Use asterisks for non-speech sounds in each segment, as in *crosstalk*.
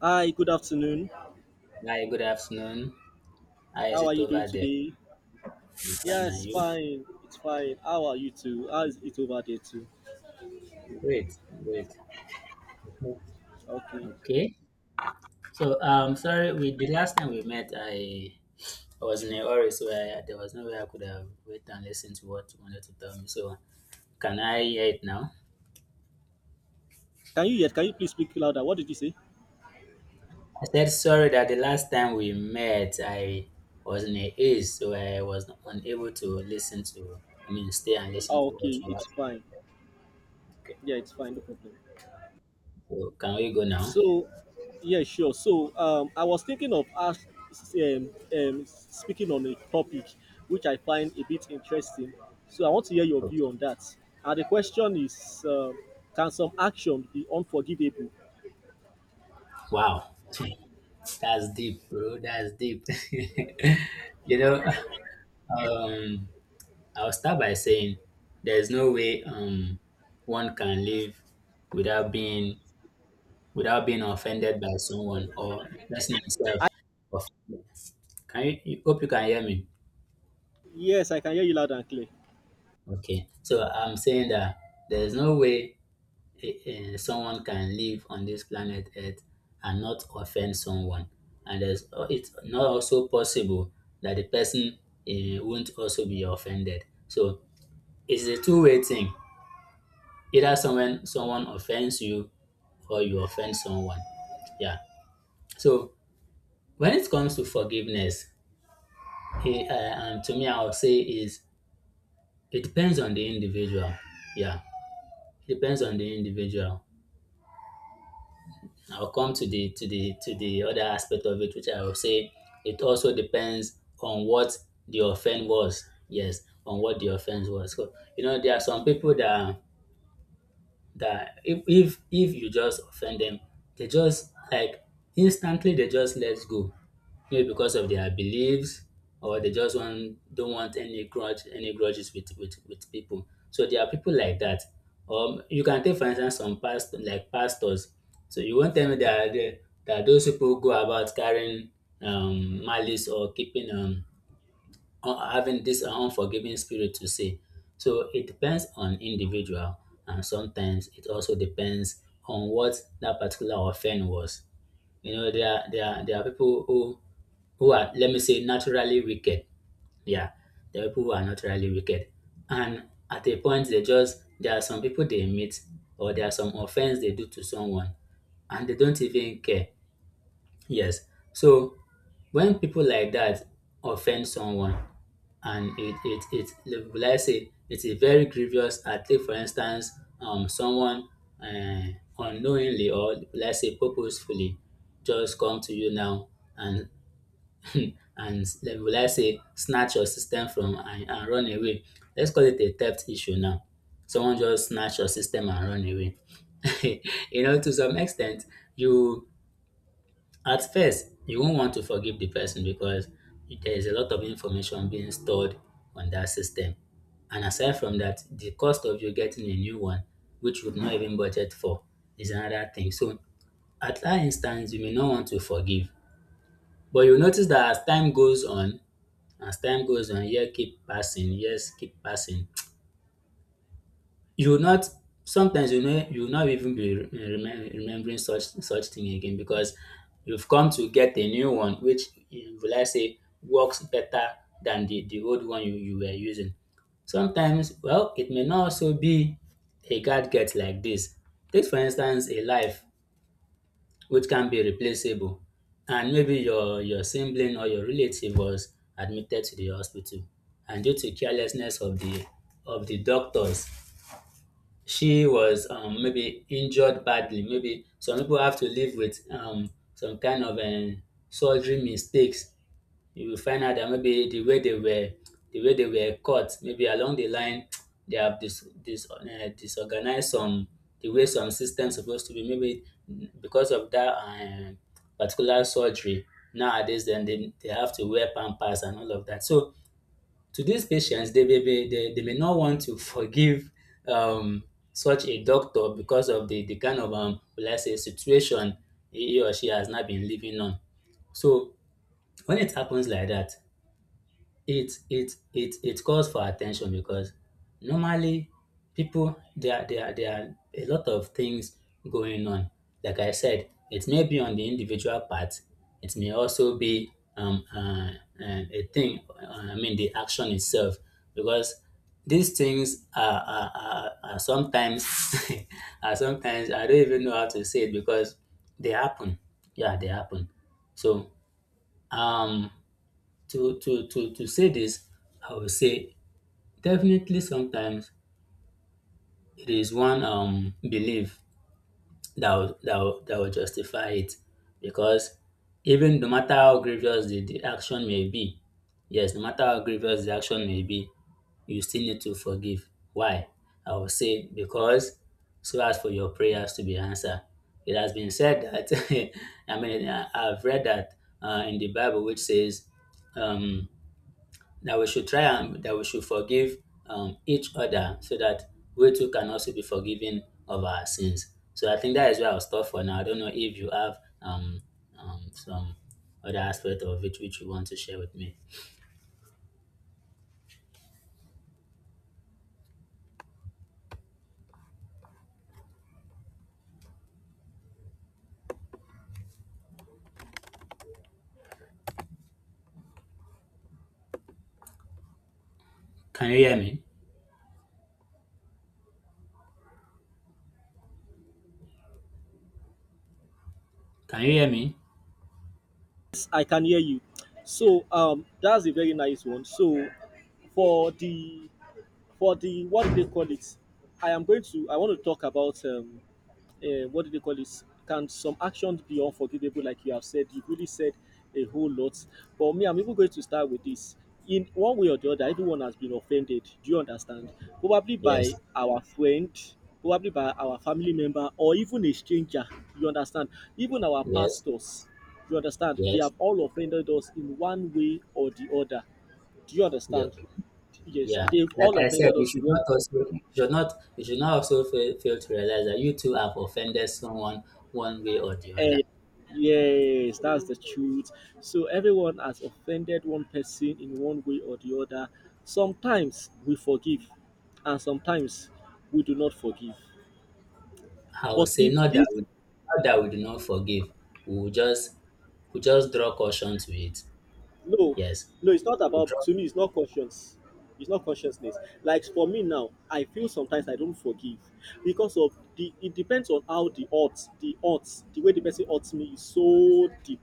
Hi, good afternoon. Hi, good afternoon. How is How are it you doing over there? today? I'm fine, and Yes, you? fine. It's fine. How are you too? How is it over there too? Great, great. Okay. Okay. So, sorry, we the last time we met, I was in a hurry, so there was no way I could have waited and listened to what you wanted to tell me. So, can I hear it now? Can you yet? Can you please speak louder? What did you say? I said sorry that the last time we met, I was in a haze, so I was unable to listen to, I mean, stay and listen Oh, to what okay. you wanted It's to tell fine. me. Okay. Yeah, it's fine. No problem. So, can we go now? So, yeah, sure. So, I was thinking of us speaking on a topic which I find a bit interesting. So, I want to hear your view Okay. on that. And the question is, can some action be unforgivable? Wow. *laughs* That's deep, bro. That's deep. *laughs* you know, um, I'll start by saying there's no way one can live without being without being offended by someone or person himself. I, Offended. You hope you can hear me? yes, I can hear you loud and clear. Okay. So I'm saying that there's no way, someone can live on this planet Earth and not offend someone. And it's not also possible that the person, won't also be offended. So it's a two-way thing. Either someone offends you or you offend someone. Yeah. So when it comes to forgiveness, to me, I would say is it depends on the individual. Yeah, it depends on the individual. I'll come to the other aspect of it, which I will say it also depends on what the offense was. Yes, on what the offense was. So there are some people that, if you just offend them, they just, like, instantly they just let go, maybe because of their beliefs, or they just want don't want any grudges with people. So there are people like that. You can take, for instance, some past, like pastors. So you won't tell me that those people go about carrying malice or keeping having this unforgiving spirit to say. So it depends on individual, and sometimes it also depends on what that particular offense was. You know, there are people who are, let me say, naturally wicked. Yeah, there are people who are naturally wicked, and at a point, they just there are some people they meet, or there are some offense they do to someone, and they don't even care. Yes. So when people like that offend someone, and it will, I say, it's a very grievous act. Take, for instance, someone uh, unknowingly, or let's say purposefully, just come to you now and *laughs* *clears throat* and will, I say, snatch your system from and run away. Let's call it a theft issue now. Someone just snatch your system and run away. *laughs* To some extent, you at first, you won't want to forgive the person, because there is a lot of information being stored on that system. And aside from that, the cost of you getting a new one, which you've not even budgeted for, is another thing. So at that instance, you may not want to forgive. But you notice that as time goes on, years keep passing, you will not sometimes, you will not even be remembering such thing again, because you've come to get a new one, which you will, I say, works better than the old one you were using. Sometimes, well, it may not also be a gadget like this. Take, for instance, a life which can be replaceable, and maybe your sibling, or your relative, was admitted to the hospital, and due to carelessness of the doctors, she was, maybe injured badly. Maybe some people have to live with, some kind of, surgery mistakes. You will find out that maybe the way they were cut, maybe along the line, *tsk* they have, disorganized some the way some systems supposed to be. Maybe because of that, particular surgery, nowadays, then they have to wear pampers and all of that. So today's patients, they may not want to forgive um, such a doctor because of the kind of, will I say, situation he or she has not been living on. So when it happens like that, it calls for attention, because normally people there are a lot of things going on. Like I said, it may be on the individual part. It may also be, um uh, a thing, I mean, the action itself, because these things are sometimes *laughs* are sometimes I don't even know how to say it, because they happen. Yeah, they happen. So, um to say this, I would say definitely sometimes it is one, belief that will, that will, that will justify it, because even no matter how grievous the action may be, yes, no matter how grievous the action may be, you still need to forgive. Why? I would say, because so as for your prayers to be answered. It has been said that, *laughs* I mean, I've read that, in the Bible, which says, um that we should try, and that we should forgive, each other, so that we too can also be forgiven of our sins. So I think that is where I'll stop for now. I don't know if you have, some other aspect of it which you want to share with me. Can you hear me? Can you hear me? I can hear you. So that's a very nice one. So for the what do they call it? I want to talk about what do they call this? Can some actions be unforgivable, like you have said? You really said a whole lot. But me, I'm even going to start with this. In one way or the other, everyone has been offended. Do you understand? Probably by Yes, our friend, probably by our family member, or even a stranger. You understand? Even our yes, pastors. You understand? They yes, have all offended us in one way or the other. Do you understand? yep, Yes, yeah. they've Like all I said, offended you us in should one. not also, you should not also fail to realize that you too have offended someone one way or the other. Eh, yes, that's the truth. So everyone has offended one person in one way or the other. Sometimes we forgive, and sometimes we do not forgive. I would But say, if this not that we do not forgive. We will just we just draw caution to it. No, Yes. no, it's not We about draw to me, it's not consciousness. Like for me now, I feel sometimes I don't forgive because of the it depends on how the way the person odds me is so deep.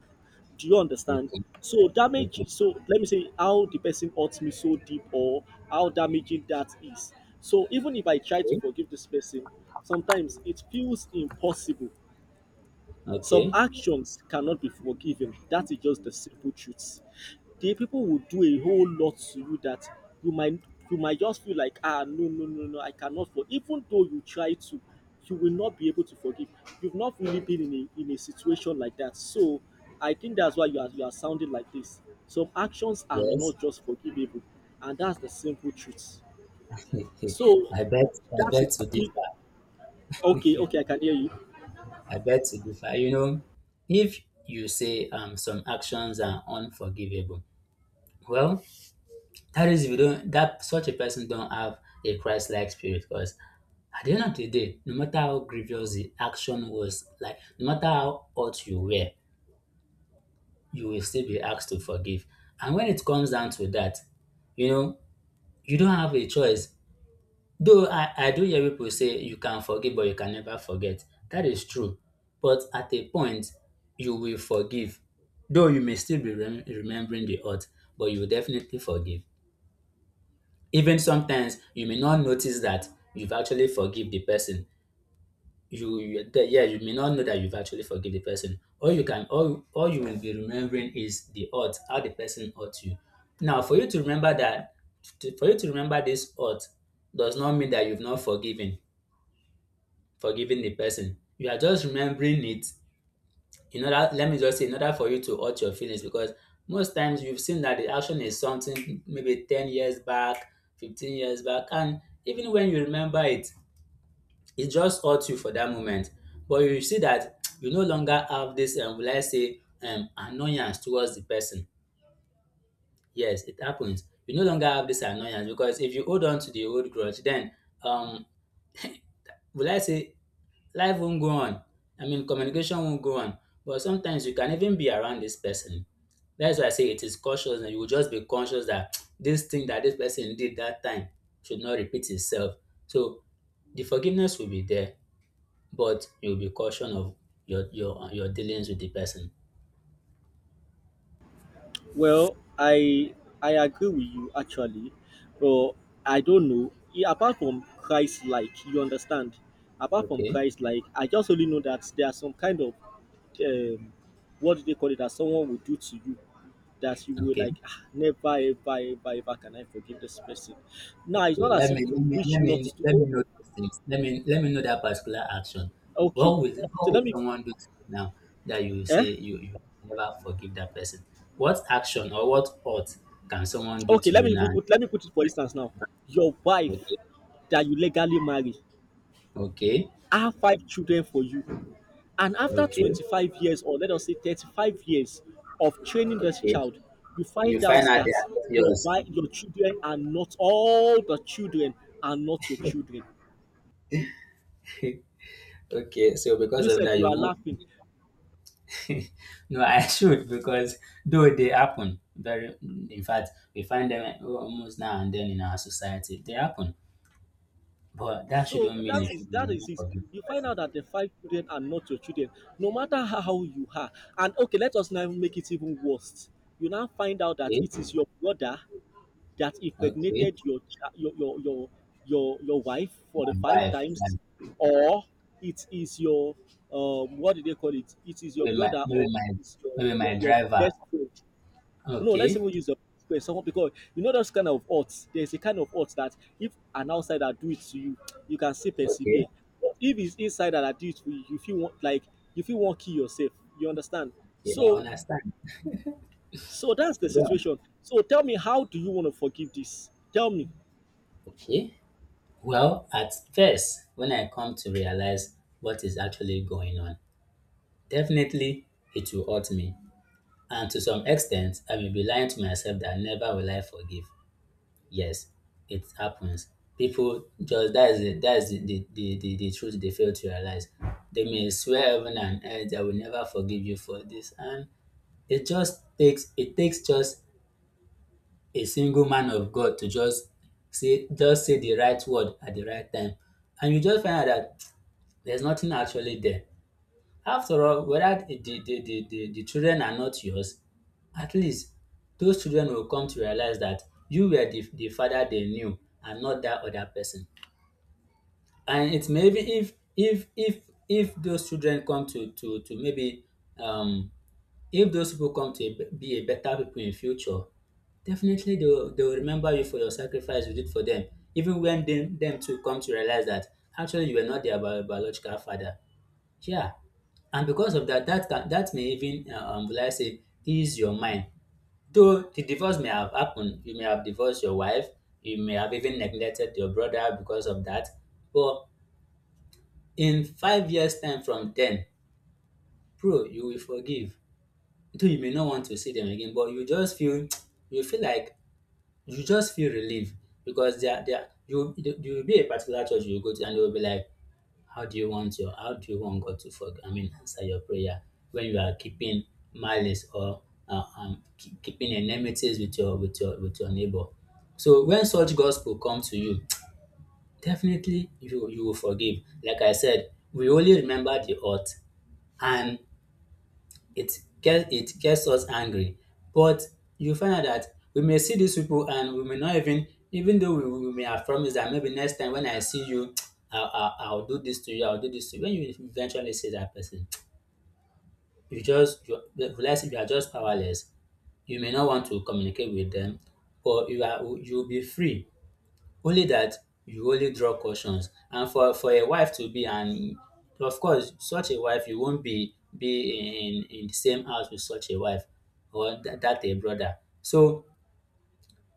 Do you understand? Okay. Okay. So let me say how the person odds me so deep, or how damaging that is. So even if I try to Okay. forgive this person, sometimes it feels impossible. Some Okay. actions cannot be forgiven. That is just the simple truth. The people will do a whole lot to you that you might you might just feel like, no, no, no, no, I cannot forgive. Even though you try to, you will not be able to forgive. You've not really been in a situation like that. So I think that's why you are sounding like this. Some actions are Yes. not just forgivable, and that's the simple truth. *laughs* So I bet I that is it. bet to If- differ. Okay, okay, I can hear you. I bet to differ. If you say, some actions are unforgivable, well, that is if you don't that such a person don't have a Christ-like spirit, because at the end of the day, no matter how grievous the action was, like, no matter how hurt you were, you will still be asked to forgive. And when it comes down to that, you know, you don't have a choice. Though I do hear people say you can forgive, but you can never forget. That is true. But at a point, you will forgive. Though you may still be remembering the hurt, but you will definitely forgive. Even sometimes, you may not notice that you've actually forgive the person, yeah, you may not know that you've actually forgive the person. All you can all you will be remembering is the hurt, how the person hurt you. Now, for you to remember this hurt, does not mean that you've not forgiven the person. You are just remembering it, in order let me just say in order for you to hurt your feelings, because most times you've seen that the action is something maybe 10 years back, 15 years back, and even when you remember it, it just hurt you for that moment. But you see that you no longer have this, will I say, annoyance towards the person. Yes, it happens. You no longer have this annoyance, because if you hold on to the old grudge, then, um, will I say, life won't go on. I mean, communication won't go on. But sometimes you can even be around this person. That's why I say it is cautious, and you will just be conscious that *tsk* this thing that this person did that time should not repeat itself. So the forgiveness will be there, but you'll be cautious of your dealings with the person. Well, I agree with you actually, but I don't know. Apart from Christ like, you understand? Apart from Okay, Christ like, I just only know that there are some kind of um, what do they call it, that someone will do to you that you will okay, like, "Ah, never ever ever ever can I forgive this person." Now it's okay. not as Let me if let you me wish let not me to. let me Oh, know these things. Let me know that particular action. okay. What will what So will let me, someone do to you now that you will say eh you never forgive that person? What action or what thought can someone do okay, to you now? Let me put it for instance now. Your wife Okay, that you legally marry, okay, I have five children for you. And after okay, 25 years, or let us say 35 years of training this okay. child, you You find find out out they that are not your yours. wife, your children are not all the children are not your children. *laughs* Okay, so because of Yourself, that, you you are won't. laughing. *laughs* No, I should, because though they happen, very, in fact, we find them almost now and then in our society. They happen, but that shouldn't So mean that you is should that is not it. forgive You the find person. out that the five children are not your children, no matter how you are. And okay, let us now make it even worse. You now find out that Okay, it is your brother that okay, impregnated your cha- your wife for my the five wife, times, yeah. or it is your, what do they call it? It is your maybe my brother, maybe or my it's your maybe my driver. best friend. No, let's Okay, even use the friend, someone, because, those kind of odds. There's a kind of odds that if an outsider do it to you, you can still okay, persevere. But if it's insider that do it to you, you feel want like you feel want kill yourself. You understand? okay, I So understand. so that's the Go on. situation. So tell me, how do you want to forgive this? Tell me. Okay. Well, at first, when I come to realize what is actually going on, definitely, it will hurt me. And to some extent, I may be lying to myself that never will I forgive. Yes, it happens. People just that is the, the truth they fail to realize. They may swear heaven and earth I will never forgive you for this, and it just takes just a single man of God to just say the right word at the right time, and you just find out that there's nothing actually there. After all, whether the children are not yours, at least those children will come to realize that you were the father they knew and not that other person. And it's maybe if those children come to, maybe, um if those people come to be a better people in future, definitely they will remember you for your sacrifice you did for them, even when them too come to realize that actually you were not their biological father, yeah, and because of that, that may even will I say ease your mind. Though the divorce may have happened, you may have divorced your wife, you may have even neglected your brother because of that. But in 5 years' time from then, bro, you will forgive. Though you may not want to see them again, but you just feel. *tsk* you feel like you just feel relieved, because you will be a particular church you go to, and they will be like, How do you want your how do you want God to forg I mean, answer your prayer when you are keeping malice or keeping enmities with your neighbor. So when such gospel come to you, *tsk* definitely you will forgive. Like I said, we only remember the hurt, and it gets us angry, but you find out that we may see these people, and we may not even, though we may have promised that maybe next time when I see you, *tsk* I'll do this to you, I'll do this to you. When you eventually see that person, *tsk* you realize you are just powerless. You may not want to communicate with them, but you'll be free, only that you only draw cautions. And for a wife to be, and of course such a wife, you won't be in the same house with such a wife, or that a brother. So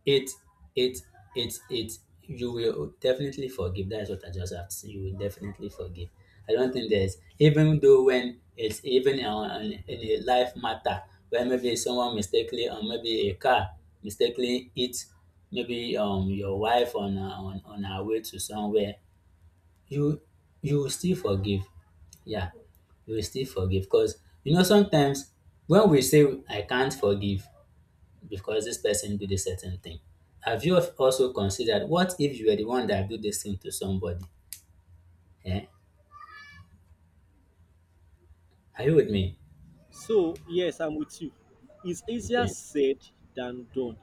it it it you will definitely forgive. That's what I just have to say. You will definitely forgive. I don't think there's, even though when it's even on, in a life matter where maybe someone mistakenly, or maybe a car mistakenly hit maybe your wife on on her way to somewhere, you will still forgive, yeah, you will still forgive, because sometimes when we say I can't forgive because this person did a certain thing. Have you also considered what if you were the one that do this thing to somebody? Eh? Are you with me? So, yes, I'm with you. It's easier Okay. said than done.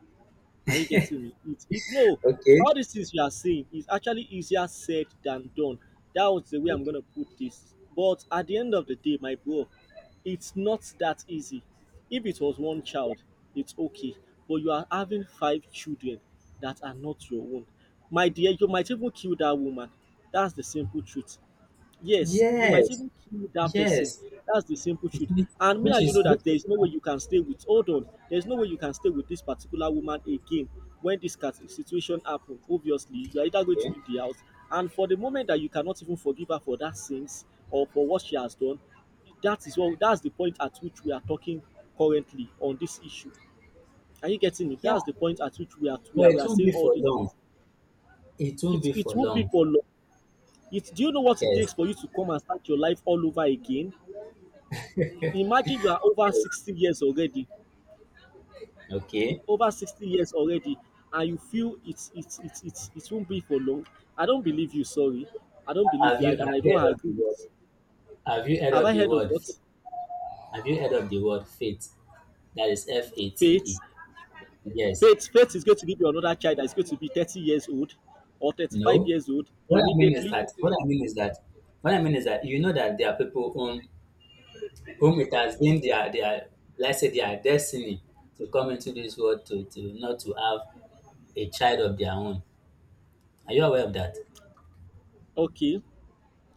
Are you getting me? No, Okay. all these things you are saying is actually easier said than done. That was the way I'm Okay. gonna put this. But at the end of the day, my bro, it's not that easy. If it was one child, it's okay. But you are having five children that are not your own. My dear, you might even kill that woman. That's the simple truth. Yes, you might Yes. even kill that person. Yes. That's the simple You truth. see, And me Which and you is know which that there is is no way you can stay with. Hold on, there's no way you can stay with this particular woman again when this situation happen. Obviously, you are either going to okay. leave the house, and for the moment that you cannot even forgive her for that sins or for what she has done, that is what that's the point at which we are talking currently on this issue. Are you getting it? Yeah. That's the point at which we are we Well, are, we it are won't saying be all for these long. things. It won't It be it for won't be long. for long. It Do you know what it Yes. takes for you to come and start your life all over again? Imagine you are over 60 years already, Okay. over 60 years already, and you feel it won't be for long. I don't believe you, sorry. I don't believe Have you, you and have I you don't heard of the agree word? with. Have you heard Have of I the heard of word? what? Have you heard of the word faith? That is F A T Faith. E. Yes. Faith is going to give you another child that's going to be 30 years old or 35 No. years old What I mean is immediately. that what I mean is that What I mean is that you know that there are people whom it has been their, let's say their destiny, to come into this world to, not to have a child of their own. Are you aware of that? Okay.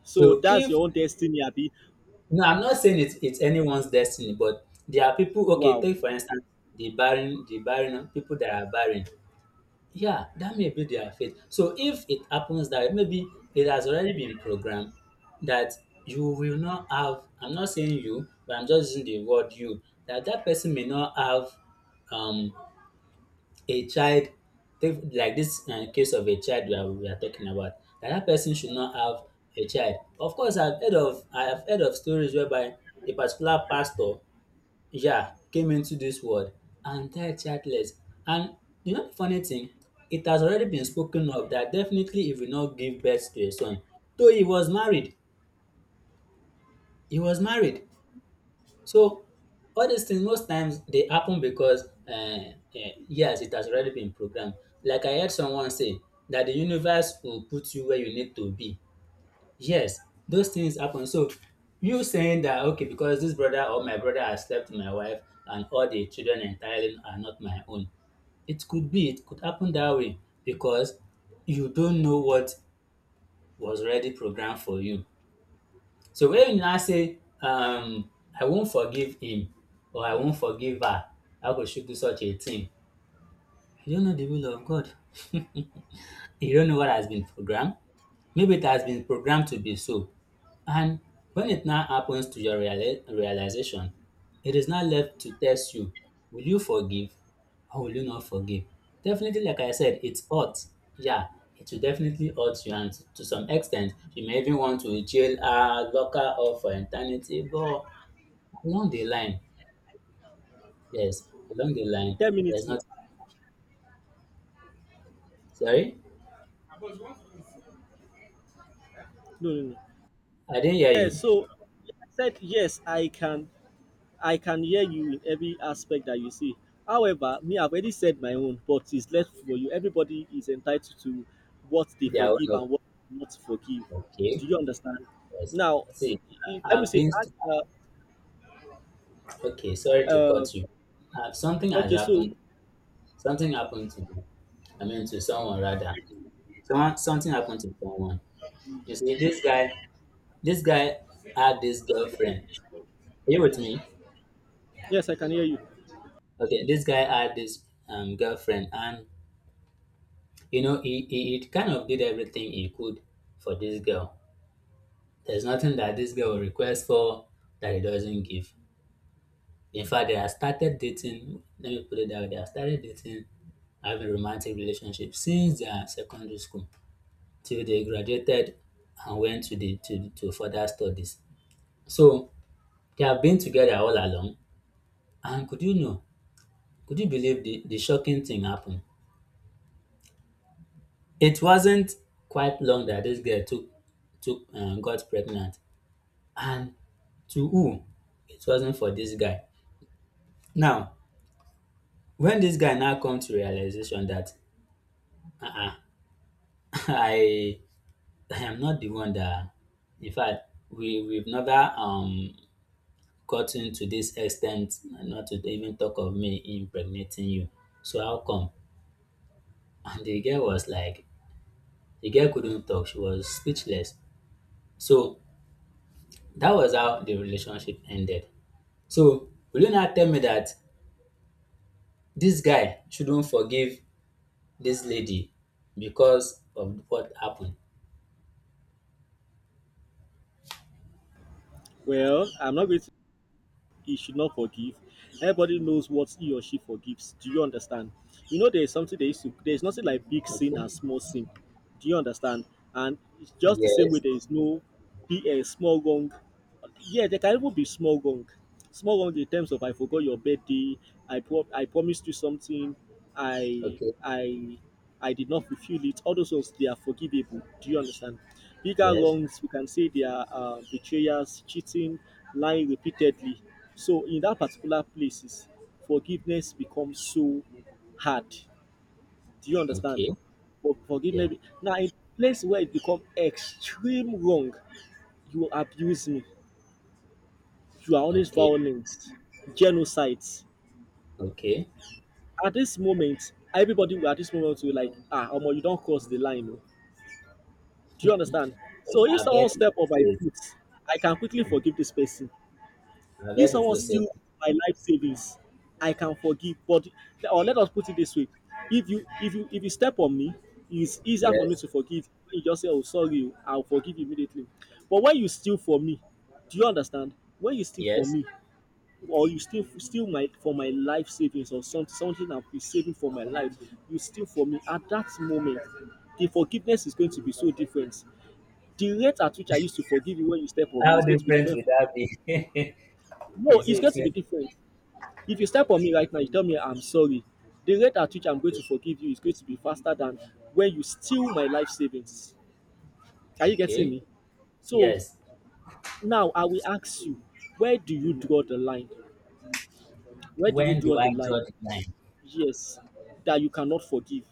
So So that's if, your own destiny, Abby. no, I'm not saying it's anyone's destiny, but there are people, okay, Wow. take for instance the barren, people that are barren. Yeah, that may be their fate. So if it happens that maybe it has already been programmed that you will not have, I'm not saying you, but I'm just using the word you, that that person may not have, um, a child, like this case of a child that we are talking about, that that person should not have a child. Of course, I've heard of stories whereby a particular pastor, yeah, came into this world and died childless. And you know the funny thing, it has already been spoken of that definitely he will not give birth to a son. Though he was married, he was married. So all these things, most times they happen because, yes, it has already been programmed. Like I heard someone say that the universe will put you where you need to be. Yes, those things happen. So you saying that okay, because this brother, or my brother, has slept with my wife, and all the children entirely are not my own. It could be, it could happen that way, because you don't know what was already programmed for you. So when you now say, I won't forgive him or I won't forgive her, how could she do such a thing? You don't know the will of God. *laughs* You don't know what has been programmed. Maybe it has been programmed to be so. And when it now happens to your realization, it is now left to test you. Will you forgive, or will you not forgive? Definitely, like I said, it's hurt. Yeah, it will definitely hurt you, and to some extent, you may even want to jail her, lock her up for eternity. But along the line, yes, along the line, 10 there's minutes more. not. Sorry, No, no, no. I didn't hear Yeah, you. so I said yes, I can hear you in every aspect that you see. However, me, I've already said my own, but it's left for you. Everybody is entitled to what they They are forgive one, and what not forgive. okay. Do you understand? Yes, Now, see, let me I've say, been. uh, Okay, sorry to uh, cut you. Something has okay, so happened. Something happened to me. I mean, to someone, rather. Someone, something happened to someone. You see, this guy had this girlfriend. Are you with me? yes, I can hear you. Okay, this guy had this girlfriend, and he kind of did everything he could for this girl. There's nothing that this girl will request for that he doesn't give. In fact, they have started dating. Let me put it that way. They have started dating, having romantic relationship since their secondary school, till they graduated and went to to further studies. So they have been together all along. And could you believe the shocking thing happened? It wasn't quite long that this girl took got pregnant. And to who? It wasn't for this guy. Now, when this guy now come to realization that, uh-uh, *laughs* I I am not the one that, in fact, we've never, gotten to this extent, and not to even talk of me impregnating you. So how come? *laughs* And the girl couldn't talk. She was speechless. So that was how the relationship ended. So will you now tell me that this guy shouldn't forgive this lady because of what happened? Well, I'm not going to. He should not forgive. Everybody knows what he or she forgives. Do you understand? You know, there is something they used to, there is nothing like big sin Okay. and small sin. Do you understand? And it's just the same way Yes. there is no big, small wrong. Yeah, there can even be small wrong. Small wrong in terms of, I forgot your birthday, I I promised you something, I Okay. I I did not fulfill it. All those ones they are forgivable. Do you understand? Bigger Yes. wrongs we can say they are, betrayals, cheating, lying repeatedly. So in that particular places, forgiveness becomes so hard. Do you understand? Okay. For- Yeah. forgiveness now in place where it become extreme wrong. You abuse me, you are always Okay. violent, genocides. Okay. At this moment, everybody will- at this moment will like, "Ah, Omo, you don't cross the line, oh." Do you understand? And So if I've someone heard step people on say my it. foot, I can quickly I've forgive this person. heard If someone people say steal that. my life savings, I can forgive. But or let us put it this way: if you if you step on me, it's easier for me Yes. to forgive. When you just say, "Oh, sorry, oh, I'll forgive you immediately." But when you steal from me, do you understand? When you steal from Yes. me, or you still my for my life savings, or something I've been saving for my life, you steal for me at that moment, the forgiveness is going to be so different. The rate at which I used to forgive you when you step on me How is going to be different different. would that be? *laughs* You No, see, it's it's going to going be different. If you step on me right now, you tell me I'm sorry. The rate at which I'm going to forgive you is going to be faster than when you steal my life savings. Are you getting okay. me? So Yes. now I will ask you, where do you draw the line? Where do you When do draw I the line? draw the line? Yes, that you cannot forgive.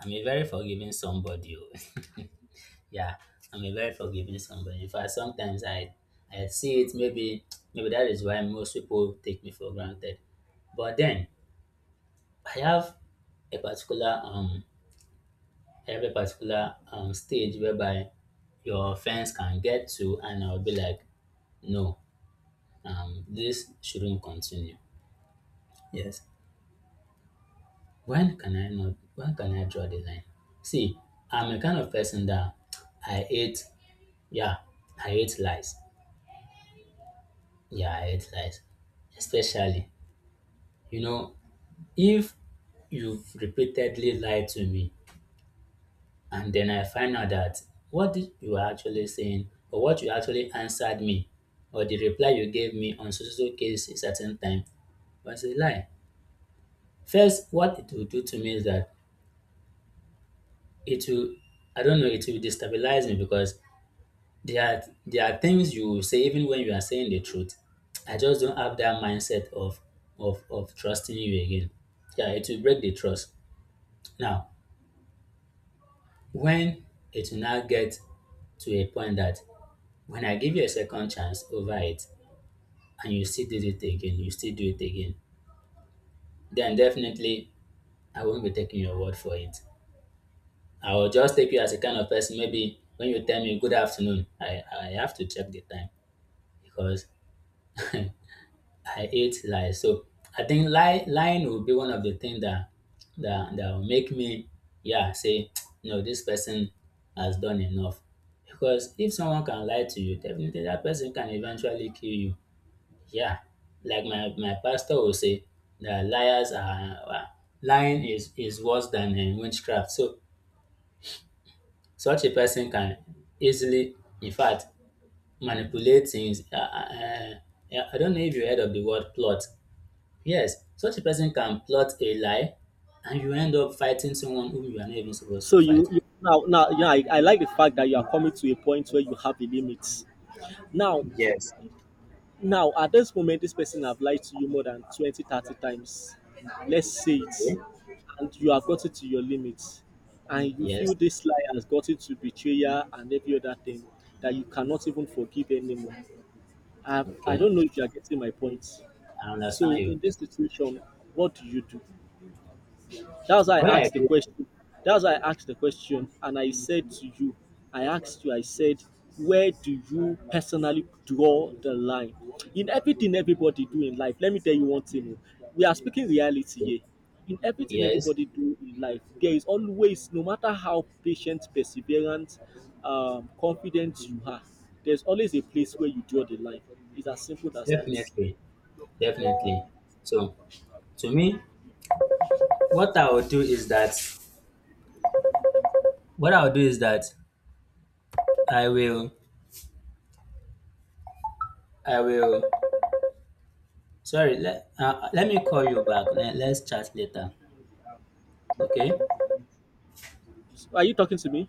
I'm a very forgiving somebody, oh. *laughs* Yeah, I'm a very forgiving somebody. In fact, sometimes I see it. Maybe, that is why most people take me for granted. But then I have a particular, stage whereby your offense can get to, and I'll be like, no, this shouldn't continue. Yes, When can I not when can I draw the line? See, I'm a kind of person that I hate, yeah, I hate lies. Yeah, I hate lies. Especially, you know, if you've repeatedly lied to me, and then I find out that what did you were actually saying, or what you actually answered me, or the reply you gave me on so so so case a certain time, was a lie. First, what it will do to me is that it will, I don't know, it will destabilize me, because there are things you will say even when you are saying the truth. I just don't have that mindset of of trusting you again. Yeah, it will break the trust. Now, when it will now get to a point that when I give you a second chance over it, and you still do it again, then definitely I won't be taking your word for it. I will just take you as a kind of person. Maybe when you tell me good afternoon, I have to check the time, because *laughs* I hate lies. So I think lying will be one of the things that will make me, yeah, say *tsk* no, this person has done enough. Because if someone can lie to you, definitely that person can eventually kill you. Yeah, like my pastor will say that lying is worse than, witchcraft. So such a person can easily, in fact, manipulate things, I don't know if you heard of the word plot. Yes, such a person can plot a lie, and you end up fighting someone whom you are not even supposed So to fight. you now, yeah, I like the fact that you are coming to a point where you have a limit. Now Yes. now at this moment this person have lied to you more than 20, 30 times. Let's say it. Okay. And you have gotten to your limit. And you Yes, feel this lie has gotten to betrayal and every other thing that you cannot even forgive anymore. I okay. don't know if you are getting my point. I understand So you. in this situation, what do you do? That's why What I I asked the agree with question. That's why I asked the question, and I said to you, I asked you, I said, where do you personally draw the line? In everything everybody do in life, let me tell you one thing, oh. We are speaking reality you. here. In everything Yes, everybody do in life, there is always, no matter how patient, perseverant, confident you are, there's always a place where you draw the line. It's as simple as that. definitely. Definitely. So to me, what I will do is that what I'll do is that I will I will, sorry, let me call you back. Let's chat later. Okay? Are you talking to me?